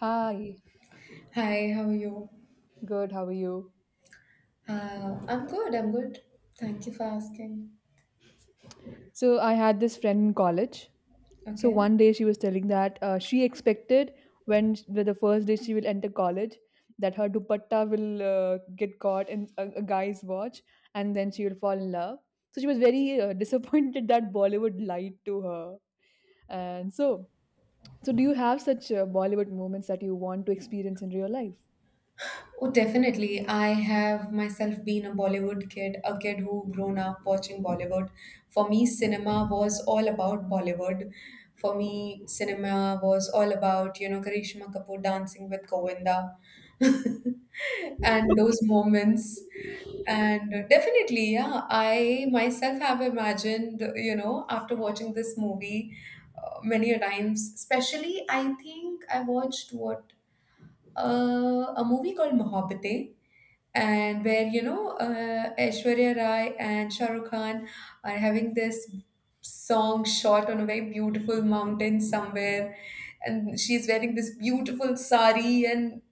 Hi, Hi, how are you? good, how are you? I'm good, I'm good. Thank you for asking. So, I had this friend in college. So, Okay. one day she was telling that she expected when the first day she will enter college that her dupatta will get caught in a guy's watch and then she will fall in love. So, she was very disappointed that Bollywood lied to her. And so, so do you have such Bollywood moments that you want to experience in real life? Oh, definitely. I have myself been a Bollywood kid, a kid who grown up watching Bollywood. For me, cinema was all about Bollywood. For me, cinema was all about, you know, Karishma Kapoor dancing with Govinda and those moments. And definitely, yeah, I myself have imagined, you know, after watching this movie many a times, especially I think I watched what a movie called Mohabbatein, and where you know Aishwarya Rai and Shah Rukh Khan are having this song shot on a very beautiful mountain somewhere, and she's wearing this beautiful sari and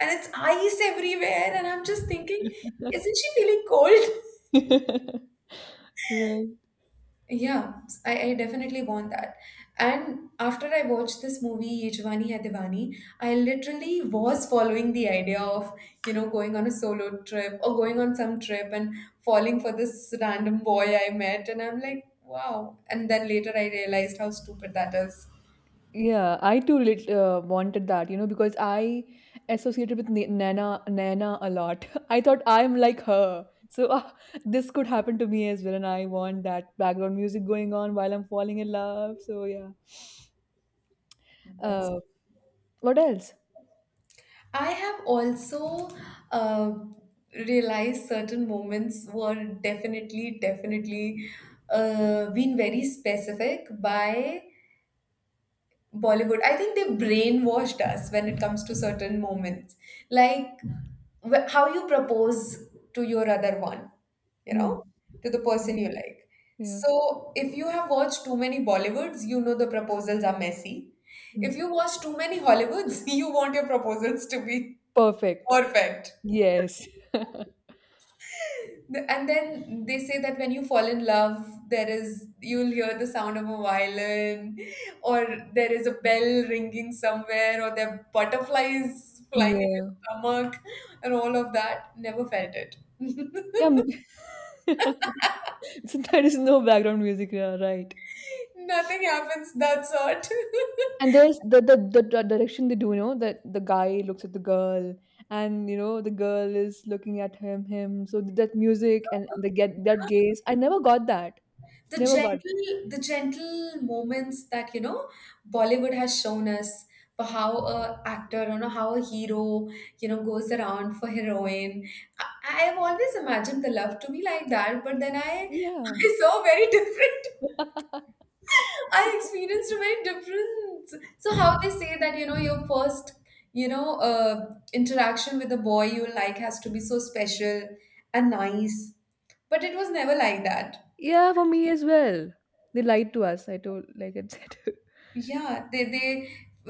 and it's ice everywhere, and I'm just thinking, isn't she feeling cold? Right. Yeah, I definitely want that. And after I watched this movie, Ye Jawani Hai Diwani, I literally was following the idea of, you know, going on a solo trip or going on some trip and falling for this random boy I met. And I'm like, wow. And then later I realized how stupid that is. Yeah, I too wanted that, you know, because I associated with Nana Nana a lot. I thought I'm like her, so ah, this could happen to me as well, and I want that background music going on while I'm falling in love. So yeah. That's Uh, what else? I have also uh, realized certain moments were definitely been very specific by Bollywood. I think they brainwashed us when it comes to certain moments. Like how you propose to your other one, you Hmm. know, to the Yeah. person you like. Yeah. So if you have watched too many Bollywoods, you know the proposals are messy. Hmm. If you watch too many Hollywoods, you want your proposals to be Perfect. perfect. Yes. And then they say that when you fall in love, there is you'll hear the sound of a violin, or there is a bell ringing somewhere, or there are butterflies flying in your Yeah. stomach, and all of that. Never felt it. Yeah. So there is no background music, yeah, right? Nothing happens. That's it. And there's the d direction they do, you know, that the guy looks at the girl, and you know the girl is looking at him. So that music and the get that gaze. I never got that. the Never got that. gentle the gentle moments that you know Bollywood has shown us for how a actor you know how a hero you know goes around for heroine. I've always imagined the love to be like that, but then I Yeah. I saw very different. I experienced a very different. So how they say that you know your first, you know, interaction with a boy you like has to be so special and nice, but it was never like that. Yeah, for me as well. They lied to us. I told, like I said. Yeah, they they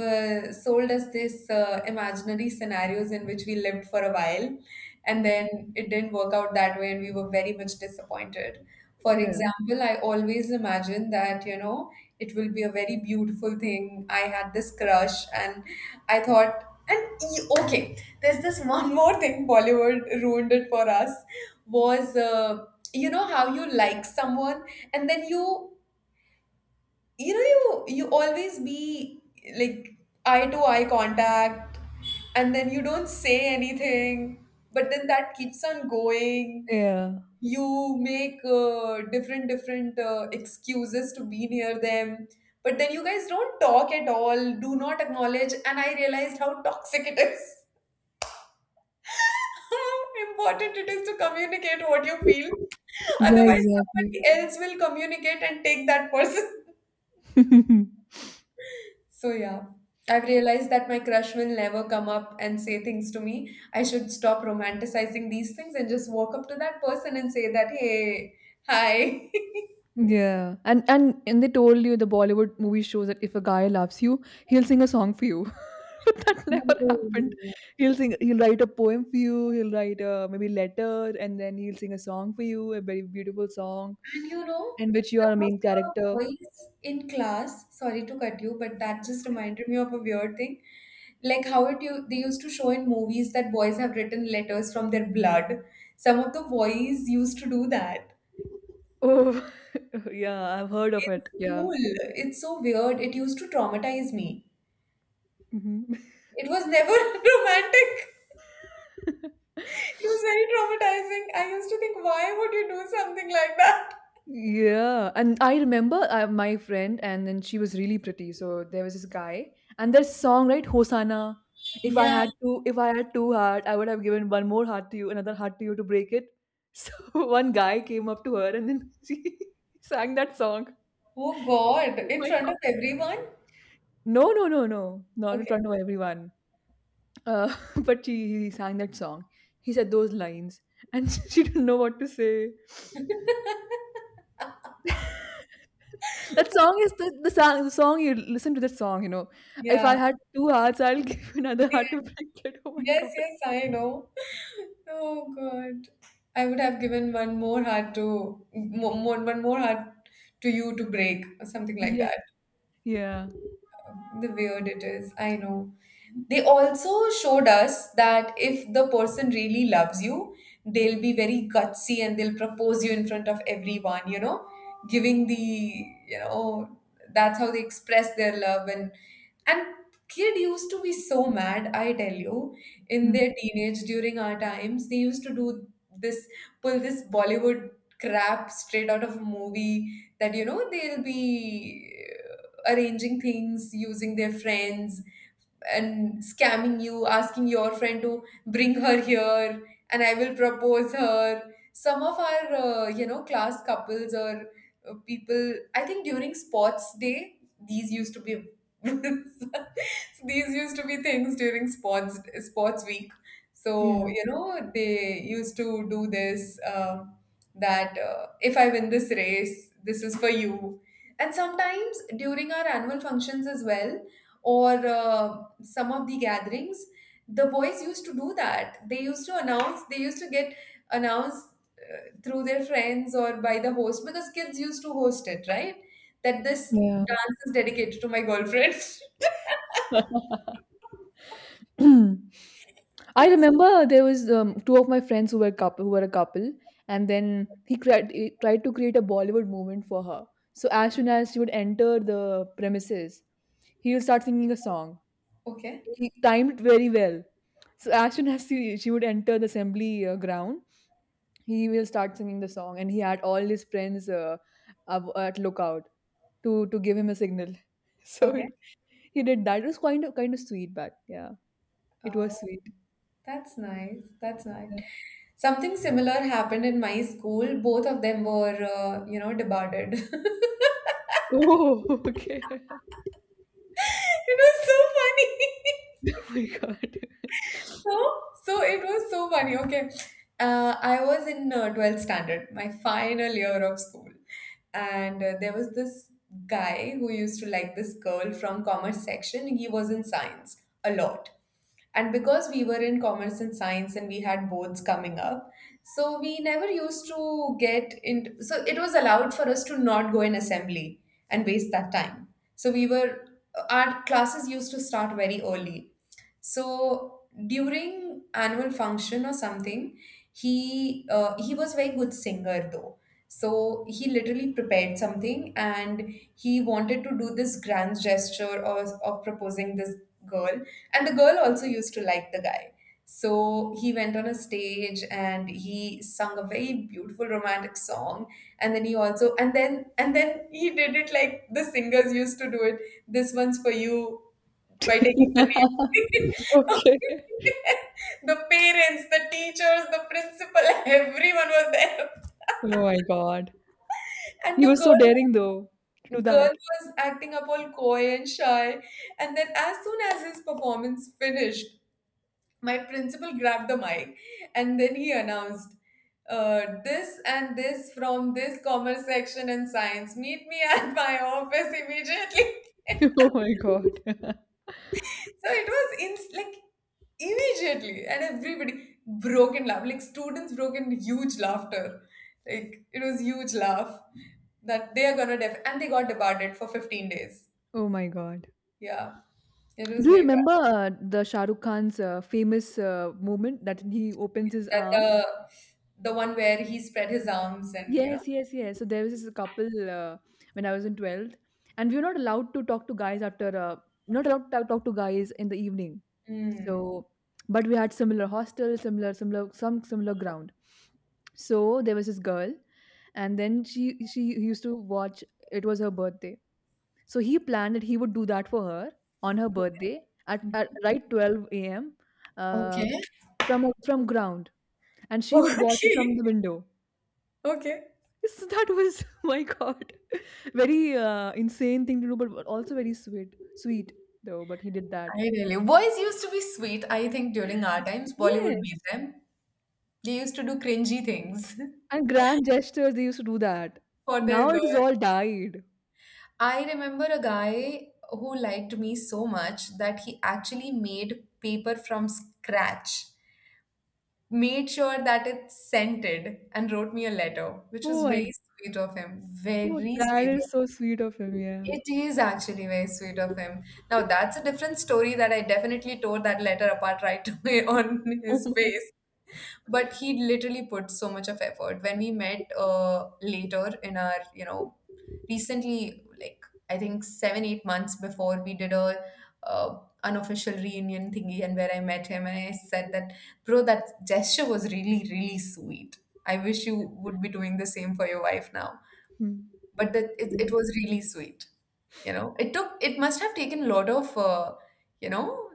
uh, sold us this imaginary scenarios in which we lived for a while, and then it didn't work out that way, and we were very much disappointed. For Yeah. example, I always imagine that, you know, it will be a very beautiful thing. I had this crush, and I thought, and okay, there's this one more thing Bollywood ruined it for us was, you know, how you like someone and then you always be like eye to eye contact, and then you don't say anything, but then that keeps on going. Yeah. You make different excuses to be near them, but then you guys don't talk at all, do not acknowledge, and I realized how toxic it is. How important it is to communicate what you feel, Yeah. otherwise Exactly. somebody else will communicate and take that person. So yeah, I've realized that my crush will never come up and say things to me. I should stop romanticizing these things and just walk up to that person and say that, hey, hi. Yeah. And they told you the Bollywood movie shows that if a guy loves you, he'll sing a song for you. But that never happened. Oh. He'll write a poem for you, he'll write a maybe letter and then he'll sing a song for you, a very beautiful song And you know, in which you are a some of main the character. boys in class, sorry to cut you, but that just Yeah. reminded me of a weird thing. Like how it you they used to show in movies that boys have written letters from their blood. Some of the boys used to do that Oh, yeah, I've heard of in it. Yeah. school. It's so weird. It used to traumatize me. Hmm. It was never romantic. It was very traumatizing. I used to think, why would you do something like that? Yeah, and I remember my friend, and then she was really pretty. So there was this guy, and their song, right, Hosanna. Yeah. If I had two heart, I would have given one more heart to you, another heart to you to break it. So one guy came up to her, and then she sang that song. Oh God, Oh in my front of God. everyone? No, no, no, no, not in Okay. front of everyone. Uh, but she he sang that song. He said those lines, and she didn't know what to say. That song is the song you listen to that song, you know. If I Yeah. had two hearts, I'll give you another heart to break it. Oh my Yes, god. yes, I know. Oh God. I would have given one more heart to one more heart to you to break, or something like Yeah. that. Yeah. The weird it is. I know. They also showed us that if the person really loves you, they'll be very gutsy and they'll propose you in front of everyone, you know, giving the, you know, that's how they express their love, and kid used to be so mad, I tell you, in Mm. their teenage during our times. They used to do this, pull this Bollywood crap straight out of a movie that you know they'll be arranging things using their friends and scamming you, asking your friend to bring her here and I will propose her. Some of our, you know, class couples or people, I think during sports day, these used to be. These used to be things during sports week, so Yeah. you know they used to do this that if I win this race, this is for you. And sometimes during our annual functions as well, or some of the gatherings, the boys used to do that. They used to announce, they used to get announced through their friends or by the host, because kids used to host it, right? That this Yeah. dance is dedicated to my girlfriend. I remember there was two of my friends who were couple who were a couple, and then he tried to create a Bollywood moment for her. So as soon as she would enter the premises, he would start singing a song. Okay, He timed it very well. So as soon as she would enter the assembly ground, he will start singing the song, and he had all his friends at lookout to give him a signal. So it, okay. he did that. It was kind of sweet, but yeah, it Oh, was sweet. that's nice. That's nice. Yeah. Something similar happened in my school. Both of them were, you know, debarred. It Oh, okay. was so funny. Oh my god. So, so it was so funny. Okay, I was in 12th standard, my final year of school, and there was this guy who used to like this girl from commerce section. He was in science a lot, and because we were in commerce and science, and we had boards coming up, so we never used to get into. So it was allowed for us to not go in assembly and waste that time. So we were our classes used to start very early, so during annual function or something, he was very good singer though. So he literally prepared something and he wanted to do this grand gesture of proposing this girl. And the girl also used to like the guy. So he went on a stage and he sung a very beautiful romantic song. And then he did it like the singers used to do it. This one's for you, by taking the name. Okay. The parents, the teachers, the principal, everyone was there. Oh my god. And He the was so girl daring though to do that. girl was acting up all coy and shy. And then as soon as his performance finished, my principal grabbed the mic and then he announced this and this from this commerce section and science. Meet me at my office immediately. Oh my god. So it was in like immediately, and everybody broke in laugh. Like students broke in huge laughter. Like it was huge laugh that they are gonna def and they got debarred for 15 days. Oh my god. Yeah, it was Do you very bad. remember the Shah Rukh Khan's famous moment that he opens his That arms? The one where he spread his arms and you know. Yes, yes, yes. So there was this couple when I was in 12th, and we were not allowed to talk to guys we're not allowed to talk to guys in the evening. Mm. So, but we had similar hostel, similar ground. So there was this girl, and then she used to watch. It was her birthday. So he planned that he would do that for her on her birthday at right 12 a.m. Uh, Okay. from from ground, and she would watch it from Okay. the window. Okay. So that was my God, very insane thing to do, but also very sweet though. But he did that. I really. Boys used to be sweet. I think during our times, Bollywood made Yes, them. They used to do cringy things and grand gestures they used to do that. for their Now it is girls. all died. I remember a guy who liked me so much that he actually made paper from scratch, made sure that it scented, and wrote me a letter, which was Oh very my, sweet of him. God, Very that sweet is of. so sweet of him. Yeah. It is actually very sweet of him. Now, that's a different story that I definitely tore that letter apart right away on Oh his my. face, but he literally put so much of effort. When we met later in our you know recently, like I think 7 8 months before, we did a uh, unofficial reunion thingy, and where I met him and I said that, bro, that gesture was really really sweet. I wish you would be doing the same for your wife now, Hmm. but that it was really sweet. You know it took it must have taken a lot of you know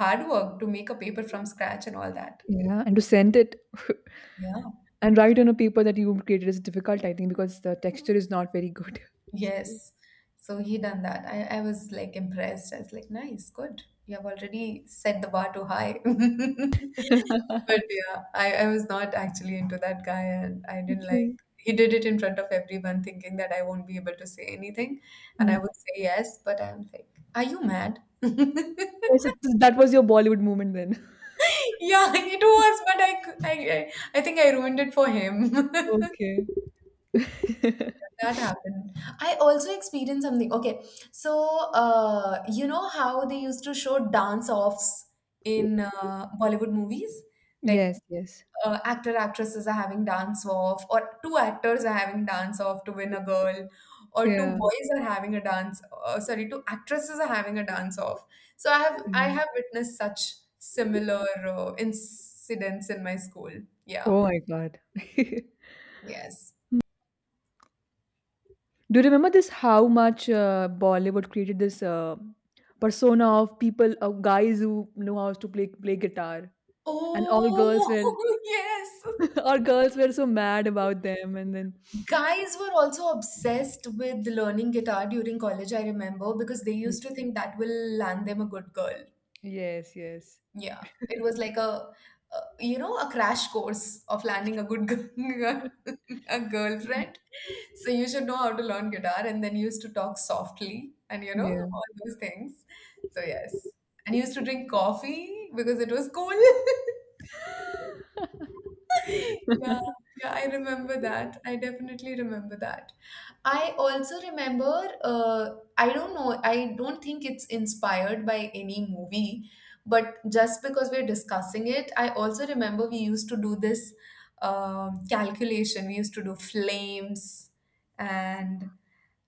hard work to make a paper from scratch and all that. Yeah, and to send it. Yeah. And write on a paper that you've created is difficult, I think, because the texture is not very good. So Yes. So he done that. I was like impressed. I was like, nice, good. You have already set the bar too high. But yeah, I was not actually into that guy and I didn't okay. like he did it in front of everyone thinking that I won't be able to say anything and Hmm. I would say yes, but I'm like, are you mad? Oh, so that was your Bollywood moment then. Yeah, it was, but I think I ruined it for him. Okay. That happened. I also experienced something. Okay, so you know how they used to show dance offs in Bollywood movies? Like Yes, yes. Actor actresses are having dance off, or two actors are having dance off to win a girl, or two Yeah. boys are having a dance. Two actresses are having a dance off. So I have I Yeah. have witnessed such similar incidents in my school. Yeah. Oh my God. Yes. Do you remember this? How much Bollywood created this persona of people, of guys who know how to play guitar, and all girls were Oh, yes. all girls were so mad about them, and then Guys were also obsessed with learning guitar during college, I remember, because they hmm, used to think that will land them a good girl. yes, yes, Yeah, it was like a crash course of landing a good girl, a girlfriend. So you should know how to learn guitar and then used to talk softly and yeah. all those things. So yes. And used to drink coffee because it was cool. Yeah, yeah, I remember that. I definitely remember that. I also remember, I don't know, I don't think it's inspired by any movie, but just because we're discussing it, I also remember we used to do this calculation. We used to do flames and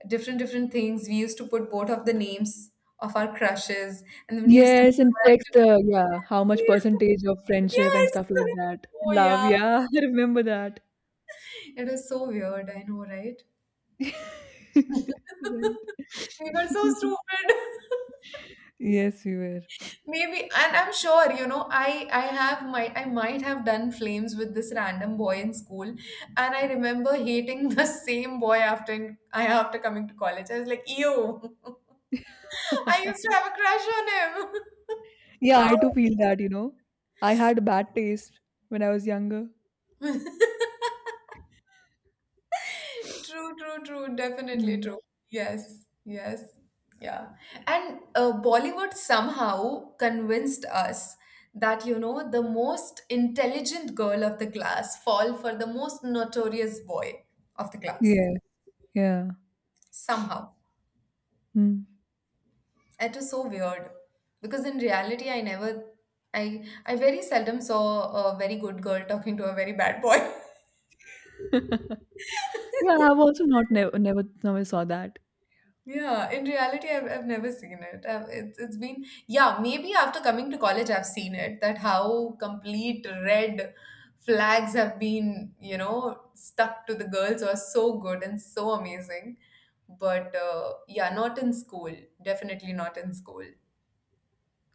different different things. We used to put both of the names of our crushes, and then we used to. Yes, and text, yeah, how much percentage of friendship and Yes. stuff like that. Oh Love, yeah, yeah, I remember that. it is so weird, I know, right? Right. We were so stupid. Yes, we were. Maybe, and I'm sure, you know, I might have done flames with this random boy in school, and I remember hating the same boy after coming to college. I was like, ew. I used to have a crush on him. Yeah, I do Ow. feel that, you know. I had bad taste when I was younger. True, true, true. Definitely Mm. true. Yes, yes, yeah. And Bollywood somehow convinced us that, you know, the most intelligent girl of the class fall for the most notorious boy of the class. Yes, yeah. Somehow. Mm. It was so weird because in reality, I never, I very seldom saw a very good girl talking to a very bad boy. Yeah, I've also not never never never saw that. Yeah, in reality, I've never seen it. It's been, yeah, maybe after coming to college, I've seen it that how complete red flags have been, you know, stuck to the girls who are so good and so amazing. But yeah, not in school. Definitely not in school.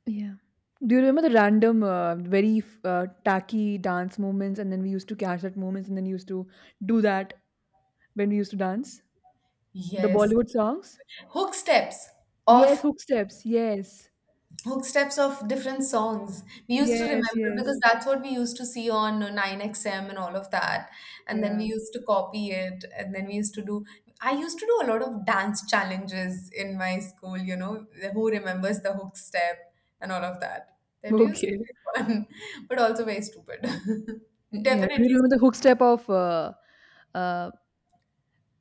Yeah. Do you remember the random, very tacky dance movements, and then we used to catch that moments, and then used to do that when we used to dance the Yes. Bollywood songs? Hook steps. Yes, Off hook steps. Yes, hook steps of different songs. We used to yes, remember yes. because that's what we used to see on 9XM and all of that. And then Yeah. we used to copy it. And then we used to do, I used to do a lot of dance challenges in my school, you know, who remembers the hook step and all of that. That used to Okay. be fun, but also very stupid. Yeah. Do you Definitely. remember the hook step of uh,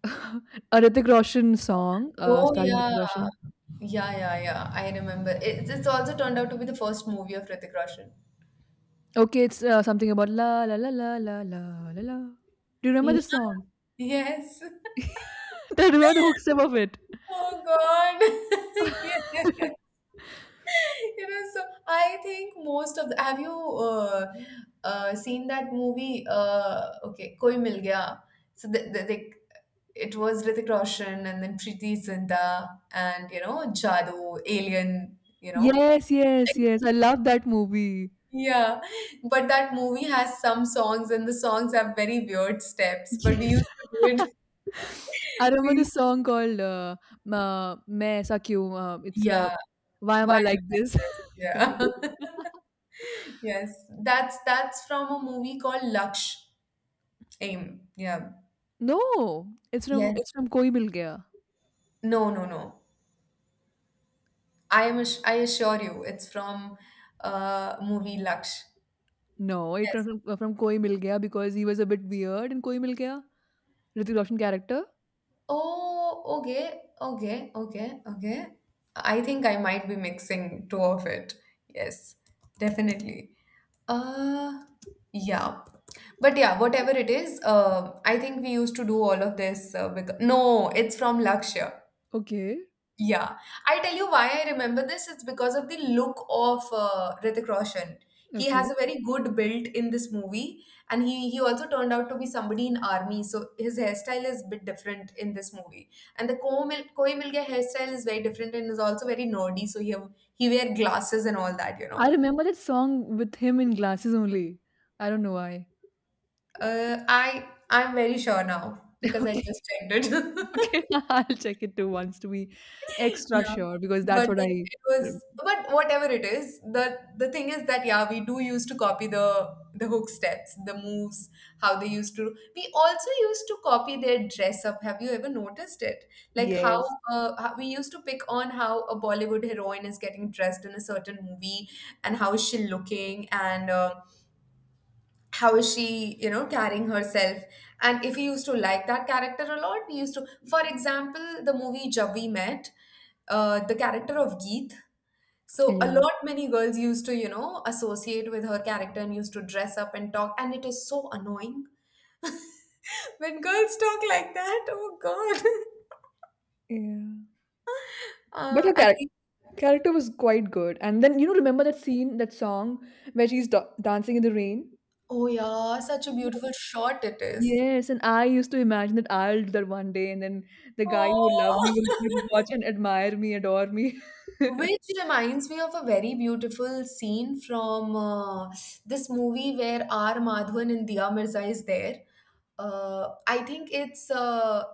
a Hrithik Roshan song Oh, starring yeah. Hrithik Roshan? Yeah. I remember. It's also turned out to be the first movie of Hrithik Roshan. Okay, it's something about la la la la la la la la. Do you remember the song? Yes. Do you remember the hook step of it? Oh God. Yeah. You know, so I think most of the, have you seen that movie? Okay, Koi Mil Gaya. So it was Hrithik Roshan and then Preeti Zinta and you know Jadoo, Alien, you know. Yes, yes, yes. I love that movie. Yeah, but that movie has some songs and the songs have very weird steps, but we Yes. used to do it. I remember the We, song called "Main Aisa Kyun." It's yeah, "Why Am why I Like This." this? Yeah. Yes, that's from a movie called Laksh. Aim. Yeah. No, it's Yes. from Koi Mil Gaya. No, no, no. I assure you, it's from movie Laksh. No, it's Yes. From Koi Mil Gaya because he was a bit weird in Koi Mil Gaya. Hrithik Roshan character. Oh, okay, okay, okay, okay. I think I might be mixing two of it. Yes, definitely. Uh, yeah. But yeah, whatever it is, I think we used to do all of this because no, it's from Lakshya. Okay, Yeah, I tell you why I remember this. It's because of the look of Hrithik Roshan. He has okay. a very good build in this movie, and he also turned out to be somebody in army. So his hairstyle is a bit different in this movie, and the Koi Mil Koi Mil Gaya hairstyle is very different and is also very nerdy. So he have, he wear glasses and all that, you I know. remember that song with him in glasses only. I don't know why. I'm very sure now because I just checked it. Okay, I'll check it too once to be extra Yeah. sure because that's But what then I. it was, but whatever it is, the thing is that yeah, we do used to copy the hook steps, the moves, how they used to. We also used to copy their dress up. Have you ever noticed it? Like Yes. How we used to pick on how a Bollywood heroine is getting dressed in a certain movie and how is she looking and how is she you know carrying herself and if we used to like that character a lot we used to for example the movie Jab We Met the character of Geet so a Yeah. lot many girls used to you know associate with her character and used to dress up and talk and it is so annoying when girls talk like that oh god Yeah. But her uh, and they- character was quite good. And then, you know, remember that scene, that song where she's dancing in the rain? oh yeah such a beautiful shot it is Yes, and I used to imagine that I'll do that one day, and then the guy who loved me oh will watch and admire me, adore me. Which reminds me of a very beautiful scene from this movie where R. Madhavan and Diya Mirza is there. I think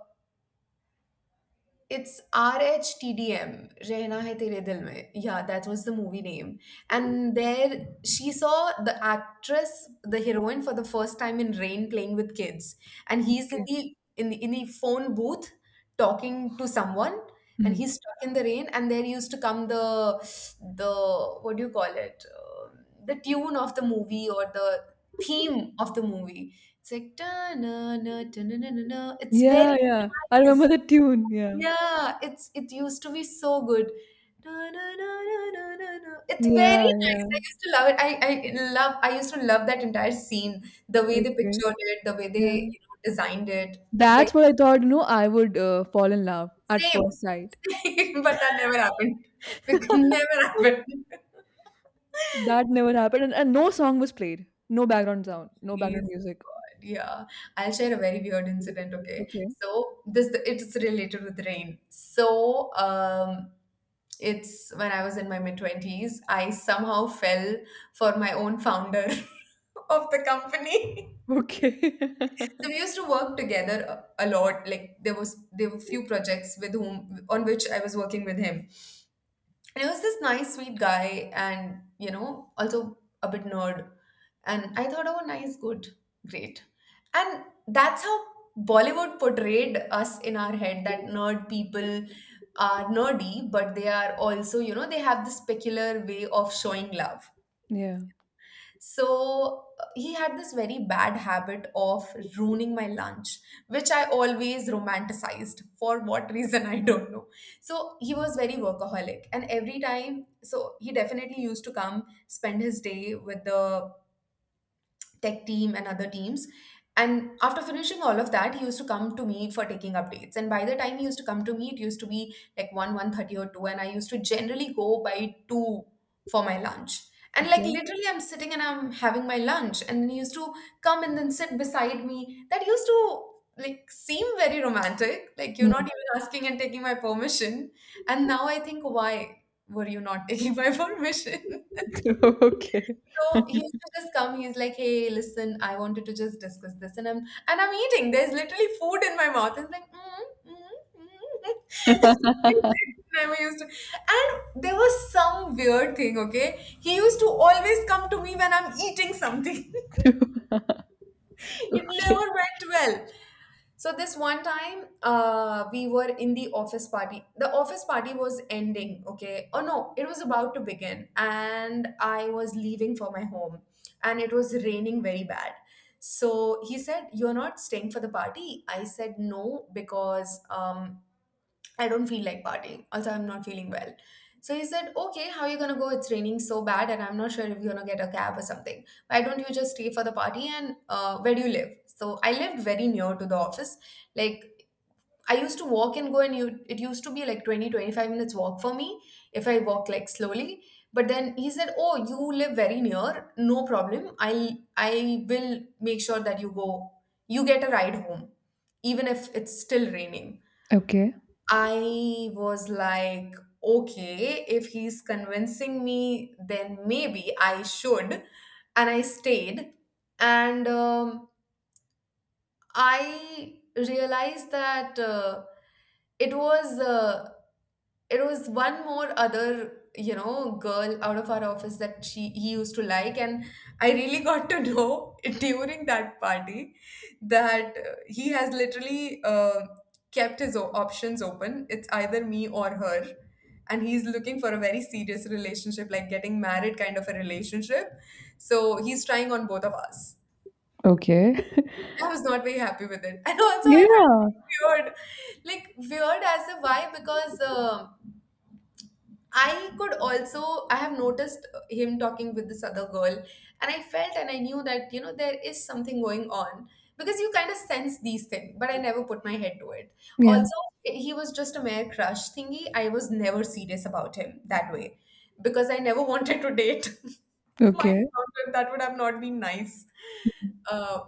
it's RHTDM, Rehna Hai Tere Dil Mein. Yeah, that was the movie name. And there she saw the actress, the heroine, for the first time in rain playing with kids. And he's Okay. In the phone booth talking to someone and Hmm. he's stuck in the rain and there used to come the what do you call it. The tune of the movie or the theme of the movie, it's like "Ta-na-na, ta-na-na-na-na." It's very Yeah, yeah. I remember nice. the tune. Yeah. Yeah, it used to be so good. Na, na, na, na, na, na, na. It's Yeah, very nice. yeah. I used to love it. I used to love that entire scene, the way they Okay. pictured it, the way Yeah. they you know, designed it. Very That's what I thought, you know, I would fall in love at same, first sight. same, but that never happened. Because never happened. That never happened. And no song was played. No background sound. No background Please, music. God, yeah. I'll share a very weird incident, okay? Okay. So this it's related with rain. So it's when I was in my mid-20s, I somehow fell for my own founder of the company. Okay. So we used to work together a lot. Like there were few projects with whom on which I was working with him. And he was this nice, sweet guy, and you know, also a bit nerd. And I thought, oh, nice, good, great. And that's how Bollywood portrayed us in our head that nerd people are nerdy, but they are also, you know, they have this peculiar way of showing love. Yeah. So he had this very bad habit of ruining my lunch, which I always romanticized. For what reason, I don't know. So he was very workaholic. And every time, so he definitely used to come spend his day with the tech team and other teams. And after finishing all of that, he used to come to me for taking updates. And by the time he used to come to me, it used to be like 1, 1:30 or 2. And I used to generally go by 2 for my lunch. And like Okay. literally I'm sitting and I'm having my lunch. And he used to come and then sit beside me. That used to like seem very romantic. Like you're not Mm. even asking and taking my permission. And now I think, why were you not taking my permission? Okay. So he used to just come. He's like, "Hey, listen, I wanted to just discuss this," and I'm eating. There's literally food in my mouth. It's like, mm, mm, mm. Never used to. And there was some weird thing. Okay, he used to always come to me when I'm eating something. It Okay. never went well. So this one time, we were in the office party. The office party was ending, okay? Oh no, it was about to begin, and I was leaving for my home, and it was raining very bad. So he said, "You're not staying for the party." I said, "No, because I don't feel like partying. Also, I'm not feeling well. So he said, Okay, how are you gonna go? It's raining so bad, and I'm not sure if you're gonna get a cab or something. Why don't you just stay for the party? And where do you live? So I lived very near to the office. Like, I used to walk and go, and you, it used to be like 20, 25 minutes walk for me if I walk like slowly. But then he said, Oh, you live very near, no problem. I will make sure that you go, you get a ride home, even if it's still raining. Okay. I was like, okay, if he's convincing me, then maybe I should. And I stayed. And I realized that it was. It was one more other girl out of our office that she he used to like and I really got to know during that party that he has literally kept his options open. It's either me or her, and he's looking for a very serious relationship, like getting married kind of a relationship. So he's trying on both of us. Okay. I was not very happy with it and also I felt Yeah. very weird, like weird as a why because I could also, I have noticed him talking with this other girl, and I felt and I knew that, there is something going on because you kind of sense these things, but I never put my head to it. Yeah. Also, he was just a mere crush thingy. I was never serious about him that way because I never wanted to date. My Okay. God, that would have not been nice. Uh,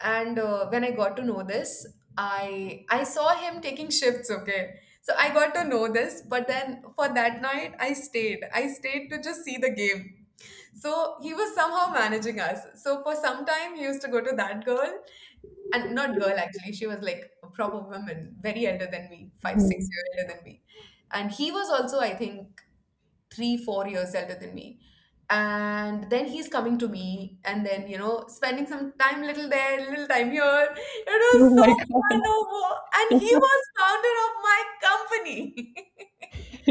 and when I got to know this, I saw him taking shifts. Okay, so I got to know this, but then for that night, I stayed. I stayed to just see the game. So he was somehow managing us. So for some time, he used to go to that girl, and not girl actually. She was like a proper woman, very elder than me, 5 6 year Mm. older than me, and he was also I think 3, 4 years elder than me. And then he's coming to me, and then, spending some time little there, little time here. It Oh was my so god. fun over. And he was founder of my company.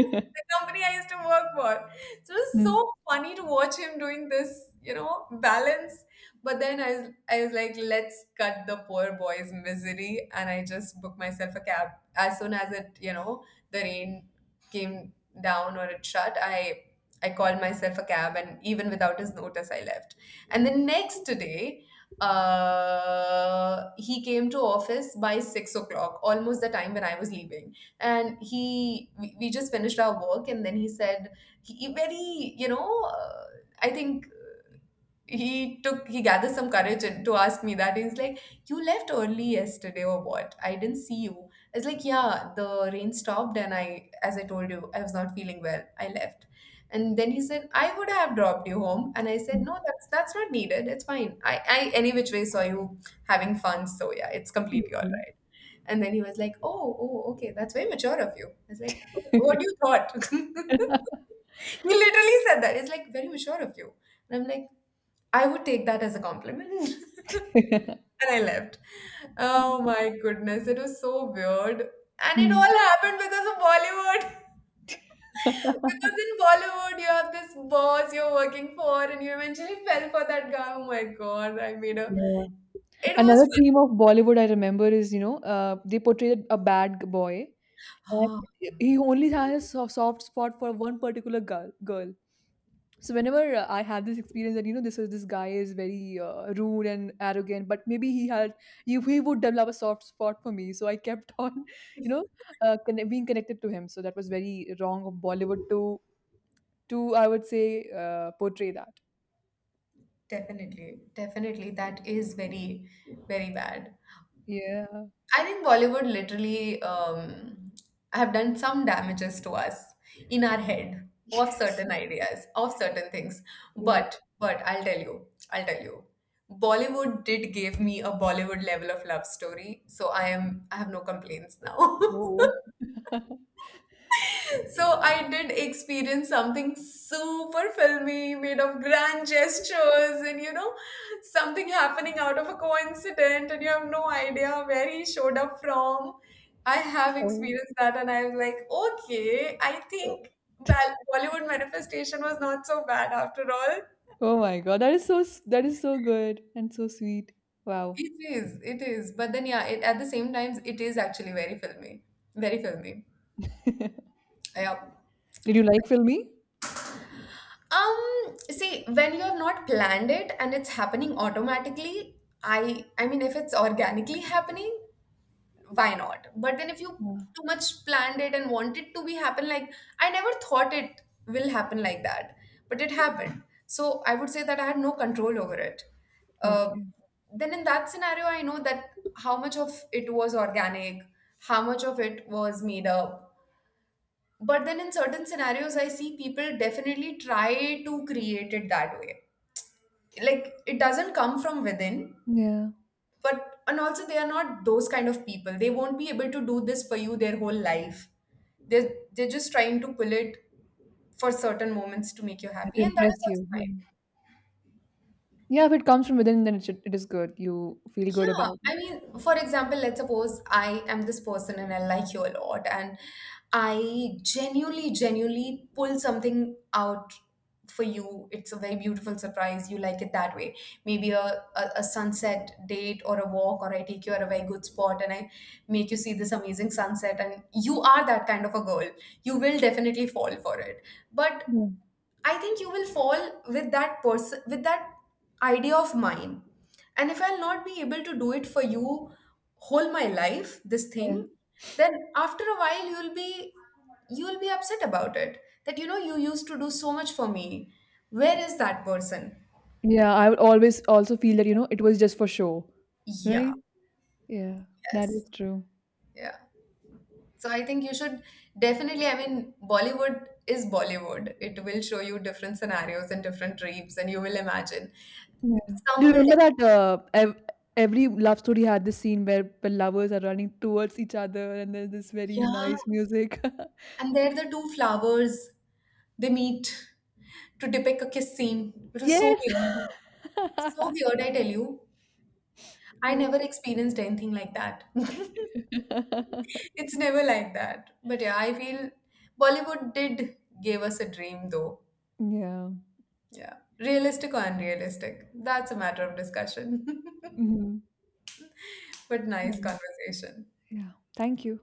The company I used to work for. So it was Mm. so funny to watch him doing this, balance. But then I was like, let's cut the poor boy's misery, and I just booked myself a cab as soon as it, the rain came down or it shut, I called myself a cab, and even without his notice, I left. And the next day, he came to office by 6 o'clock, almost the time when I was leaving. And we just finished our work, and then he said, he very, I think he gathered some courage and to ask me, that he's like, you left early yesterday or what? I didn't see you. I was like, yeah, the rain stopped, and I, as I told you, I was not feeling well. I left. And then he said, I would have dropped you home. And I said, Mm. no, that's not needed, it's fine, I any which way saw you having fun, so yeah, it's completely all Okay. right. And then he was like, oh oh okay, that's very mature of you. I was like, oh, what do you thought? He literally said that it's like very mature of you. And I'm like, I would take that as a compliment. And I left. Oh my goodness, it was so weird. And it Mm. all happened because of Bollywood. Because in Bollywood, you have this boss you're working for, and you eventually fell for that guy. Oh my God, I made a. Yeah. It was. Another theme of Bollywood I remember is, you know, they portrayed a bad boy, and Oh, he only has a soft spot for one particular girl. So whenever I had this experience that you know this guy is very rude and arrogant, but maybe he had he would develop a soft spot for me. So I kept on, you know, being connected to him. So that was very wrong of Bollywood to I would say portray that. definitely. Definitely. That is very, very bad. Yeah. I think Bollywood literally have done some damages to us in our head of Yes. certain ideas, of certain things. Yeah. But I'll tell you, I'll tell you. Bollywood did give me a Bollywood level of love story, so I have no complaints now. Whoa. So I did experience something super filmy, made of grand gestures, and something happening out of a coincidence, and you have no idea where he showed up from. I have experienced that, and I was like, okay, I Oh. think Bollywood manifestation was not so bad after all. Oh my god, that is that is so good and so sweet. Wow. It is, but then yeah, at the same times, it is actually very filmy, very filmy. Did Yeah. you like Filmy? See, when you have not planned it and it's happening automatically, I mean if it's organically happening, why not? But then if you Yeah. too much planned it and want it to be happen like I never thought it will happen like that, but it happened. So I would say that I had no control over it. Uh, Okay. then in that scenario, I know that how much of it was organic, how much of it was made up, but then in certain scenarios I see people definitely try to create it that way, like it doesn't come from within. Yeah. But and also they are not those kind of people, they won't be able to do this for you their whole life, they're just trying to pull it for certain moments to make you Yeah. To happy, and that impress is also you. Yeah. fine. Yeah, if it comes from within, then it should, it is good. You feel good Yeah, about it. I mean, for example, let's suppose I am this person and I like you a lot, and I genuinely, genuinely pull something out for you. It's a very beautiful surprise. You like it that way. Maybe a sunset date or a walk, or I take you at a very good spot and I make you see this amazing sunset. And you are that kind of a girl. You will definitely fall for it. But Yeah. I think you will fall with that person with that idea of mine. And if I'll not be able to do it for you whole my life, this Yeah. thing, then after a while you'll be upset about it. That you used to do so much for me. Where is that person? Yeah, I would always also feel that, you know, it was just for show. Yeah, Right? Yeah. That yes. is true. Yeah. So I think you should definitely, I mean, Bollywood is Bollywood. It will show you different scenarios and different dreams and you will imagine. Yeah. Some Do will you definitely, remember that every love story had this scene where the lovers are running towards each other and there's this very yeah. nice music? And there the two flowers, they meet to depict a kiss scene, which was so Yes. weird. So weird, I tell you. I Yeah. never experienced anything like that. It's never like that. But yeah, I feel Bollywood did give us a dream though. Yeah. Yeah. Realistic or unrealistic? That's a matter of discussion. Mhm. But nice Nice. conversation. Yeah. Thank you.